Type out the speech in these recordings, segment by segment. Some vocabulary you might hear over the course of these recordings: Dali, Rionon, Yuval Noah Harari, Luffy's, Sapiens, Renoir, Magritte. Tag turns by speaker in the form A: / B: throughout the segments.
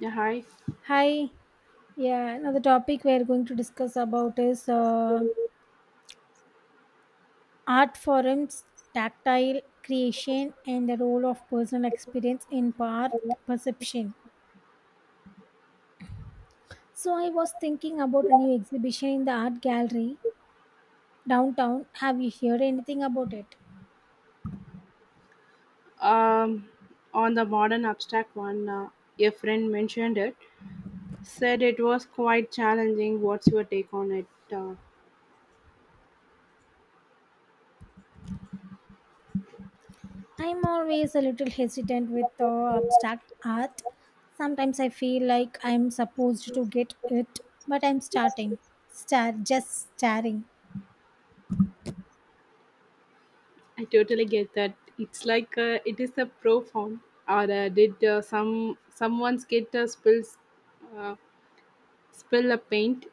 A: Yeah, hi.
B: Hi, yeah. Now the topic we are going to discuss about is art forms, tactile creation, and the role of personal experience in art perception. So I was thinking about a new exhibition in the art gallery downtown. Have you heard anything about it?
A: Um, on the modern abstract one, your friend mentioned it, said it was quite challenging. What's your take on it?
B: I'm always a little hesitant with abstract art. Sometimes I feel like I'm supposed to get it, but I'm starting, star just staring.
A: I totally get that. It's like it is a pro form. Or did someone's get spills uh, spill a paint?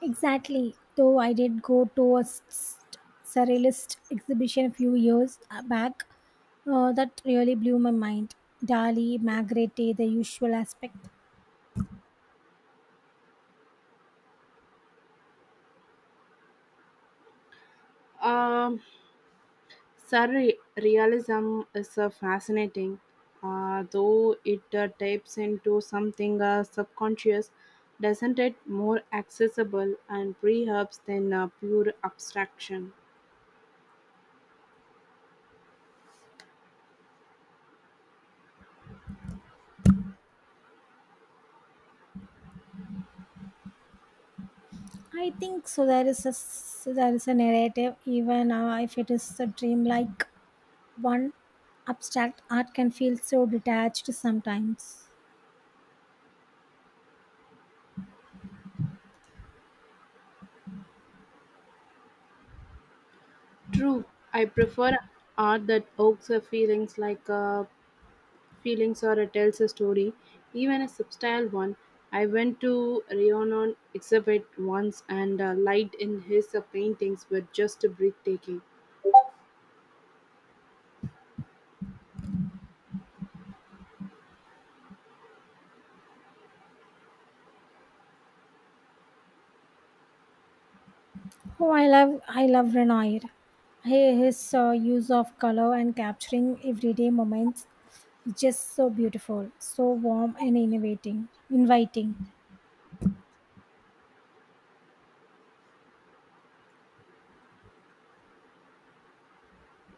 B: Exactly. Though I did go to a surrealist exhibition a few years back, that really blew my mind. Dali, Magritte, the usual aspect.
A: Um, Surrealism is a fascinating, though it taps into something subconscious, doesn't it? More accessible and perhaps than pure abstraction.
B: I think so. There is a so there is a narrative, even if it is a dreamlike one. Abstract art can feel so detached sometimes.
A: True, I prefer art that evokes feelings or tells a story, even a subtle one. I went to Rionon exhibit once, and light in his paintings were just breathtaking.
B: Oh, I love Renoir. His use of color and capturing everyday moments is just so beautiful, so warm and innovating, inviting.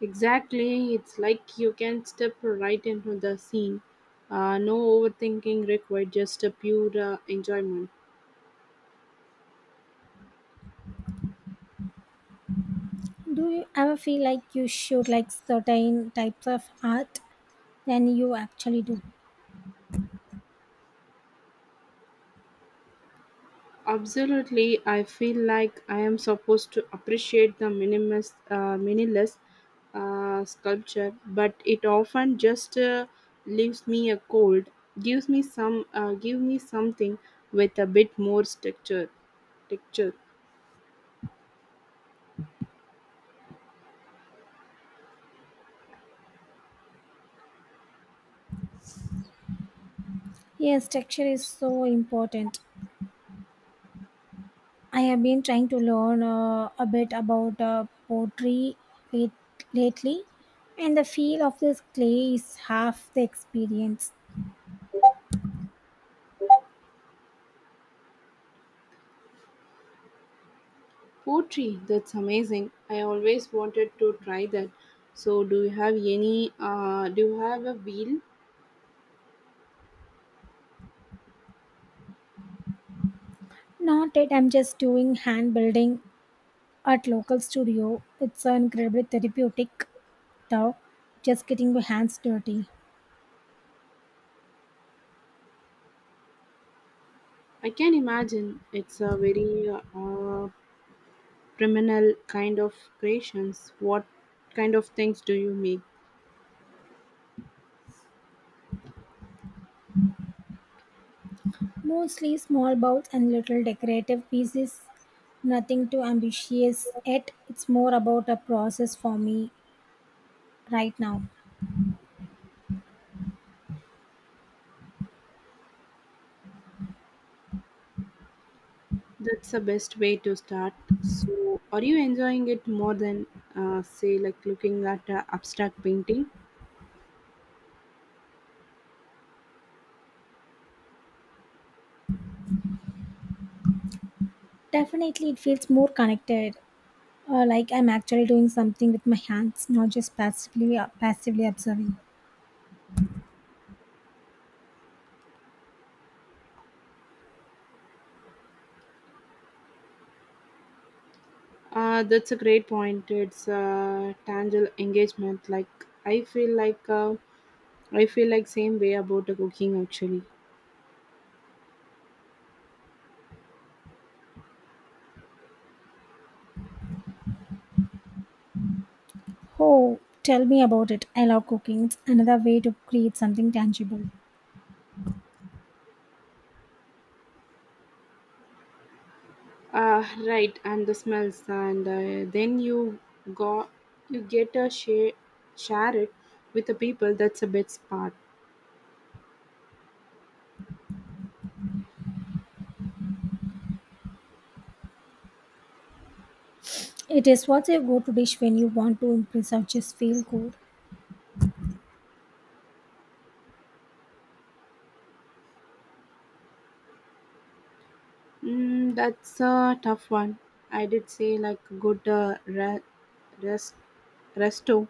A: Exactly, it's like you can step right into the scene. No overthinking required, just a pure enjoyment.
B: Do you ever feel like you should like certain types of art than you actually do?
A: Absolutely, I feel like I am supposed to appreciate the minimalist sculpture, but it often just leaves me a cold. Gives me give me something with a bit more structure. Texture.
B: Yes, texture is so important. I have been trying to learn a bit about pottery late, lately, and the feel of this clay is half the experience.
A: Poetry? That's amazing. I always wanted to try that. So do you have a wheel?
B: Not yet. I'm just doing hand building at local studio. It's incredibly therapeutic though. Just getting my hands dirty.
A: I can imagine it's a very criminal kind of creations. What kind of things do you make?
B: Mostly small bowls and little decorative pieces. Nothing too ambitious yet. It's more about a process for me right now.
A: That's the best way to start. So are you enjoying it more than say like looking at a abstract painting?
B: Definitely, it feels more connected. Like I'm actually doing something with my hands, not just passively observing.
A: That's a great point. It's tangible engagement. Like I feel like uh, I feel like same way about the cooking actually.
B: Oh, tell me about it. I love cooking. It's another way to create something tangible.
A: Right, and the smells, and then go you get a share it with the people. That's a best part.
B: It is what's your go-to dish when you want to impress or just feel good.
A: Mm, that's a tough one. I did say like good rest, resto,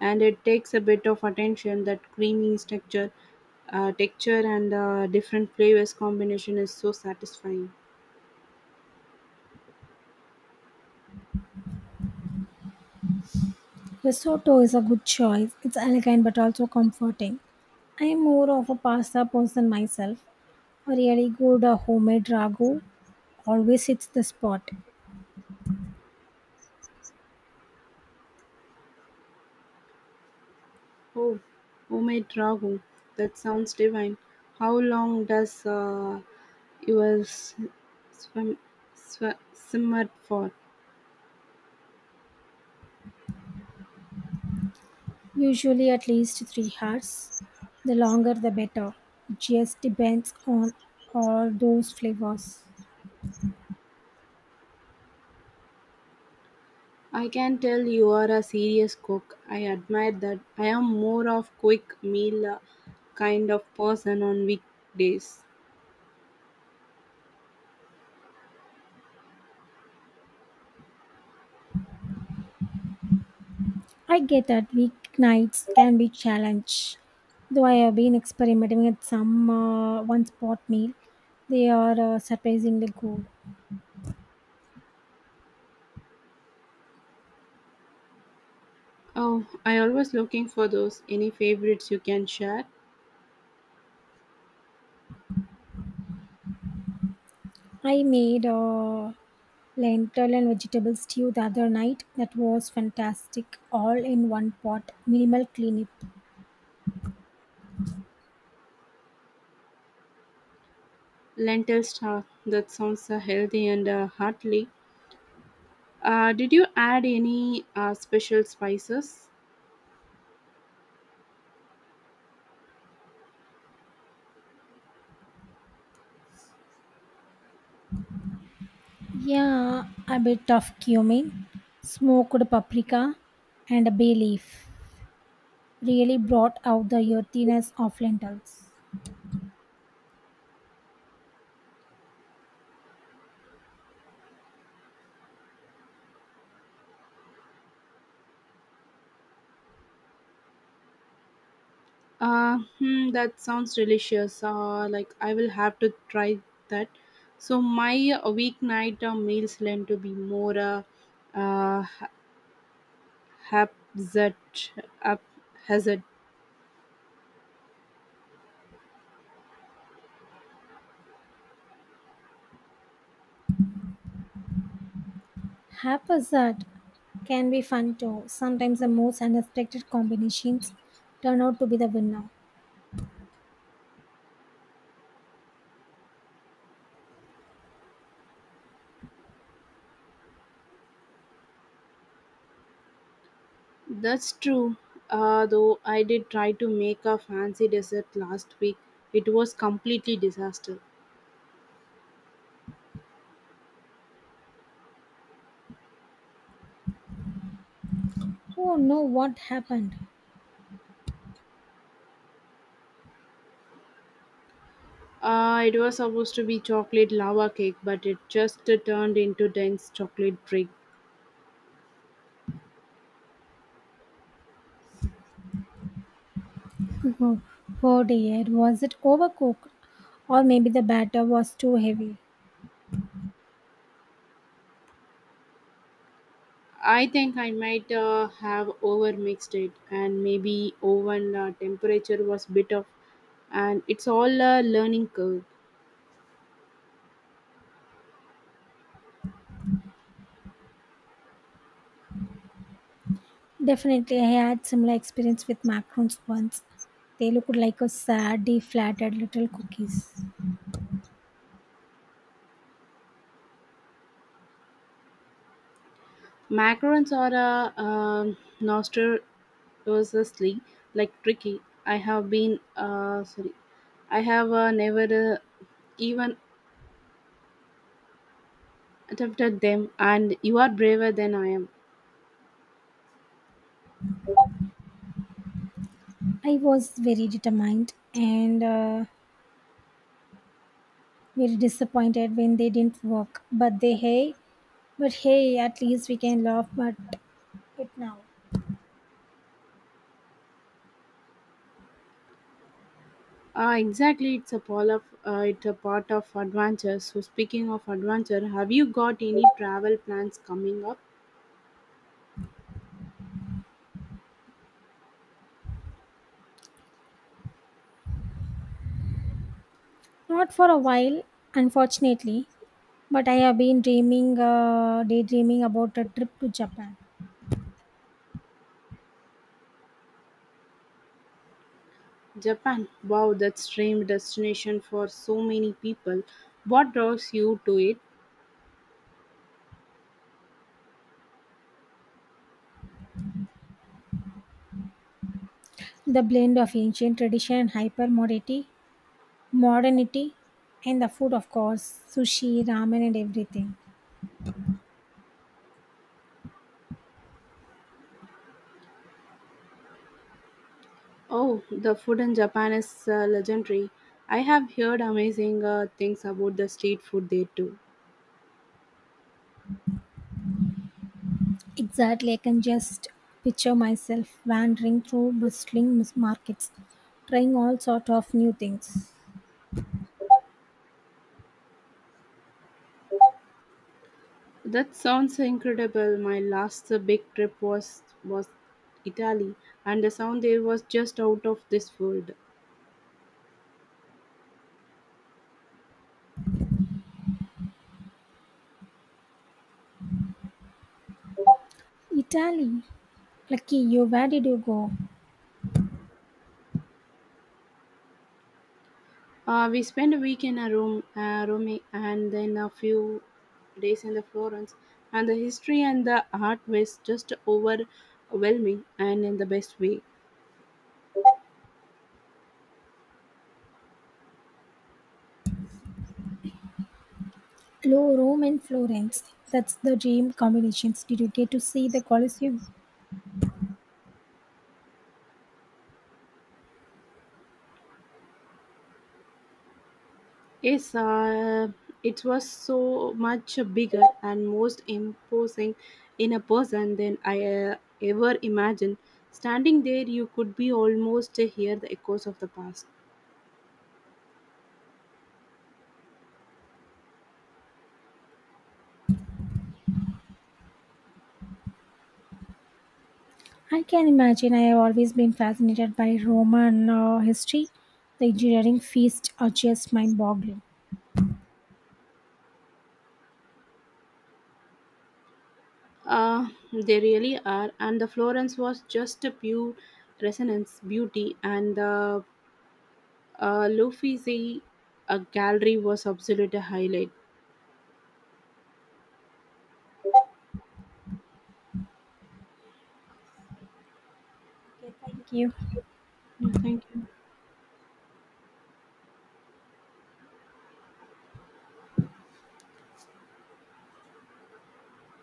A: and it takes a bit of attention. That creamy texture and different flavors combination is so satisfying.
B: Risotto is a good choice. It's elegant but also comforting. I am more of a pasta person myself. A really good homemade ragu always hits the spot.
A: Oh, homemade ragu. That sounds divine. How long does yours swim, simmer for?
B: Usually at least 3 hours. The longer the better. It just depends on all those flavors.
A: I can tell you are a serious cook. I admire that. I am more of quick meal kind of person on weekdays.
B: I get that weeknights can be challenge. Though I have been experimenting with some one spot meal, they are surprisingly good.
A: Oh, I always looking for those. Any favorites you can share?
B: I made a lentil and vegetable stew the other night that was fantastic, all in one pot, minimal cleanup.
A: Lentil star. That sounds healthy and hearty. Did you add any special spices?
B: Yeah, a bit of cumin, smoked paprika, and a bay leaf really brought out the earthiness of lentils.
A: Hmm, that sounds delicious. Like I will have to try that. So my weeknight meals tend to be more uh, haphazard. Haphazard.
B: Haphazard can be fun too. Sometimes the most unexpected combinations turn out to be the winner.
A: That's true. Though I did try to make a fancy dessert last week, it was completely disaster.
B: Oh no, what happened?
A: It was supposed to be chocolate lava cake, but it just turned into dense chocolate brick.
B: Oh, oh dear, was it overcooked? Or maybe the batter was too heavy.
A: I think I might have overmixed it, and maybe oven temperature was bit off. And it's all a learning curve.
B: Definitely, I had similar experience with macarons once. They looked like a sad, deflated little cookies.
A: Macarons are a notoriously like tricky. I have been uh, sorry, I have never even attempted them, and you are braver than I am.
B: I was very determined and very disappointed when they didn't work. But hey, at least we can laugh. But it now?
A: Exactly, it's a part of adventure. So speaking of adventure, have you got any travel plans coming up?
B: Not for a while, unfortunately, but I have been daydreaming about a trip to Japan.
A: Japan, wow, that's dream destination for so many people. What draws you to it?
B: The blend of ancient tradition and modernity, and the food, of course, sushi, ramen, and everything.
A: Oh, the food in Japan is legendary. I have heard amazing things about the street food there too.
B: Exactly, I can just picture myself wandering through bustling markets, trying all sort of new things.
A: That sounds incredible. My last big trip was Italy, and the sound there was just out of this world.
B: Italy, lucky you. Where did you go?
A: We spent a week in a room, Rome, and then a few days in the Florence, and the history and the art was just overwhelming and in the best way.
B: Low Rome, and Florence. That's the dream combinations. Did you get to see the Colosseum?
A: Yes, it was so much bigger and most imposing in a person than I ever imagined. Standing there, you could be almost hear the echoes of the past.
B: I can imagine. I have always been fascinated by Roman history. The engineering feasts are just mind boggling.
A: They really are, and the Florence was just a pure resonance, beauty, and the Luffy's gallery was absolute a highlight.
B: Okay, thank you.
A: Yeah, thank you.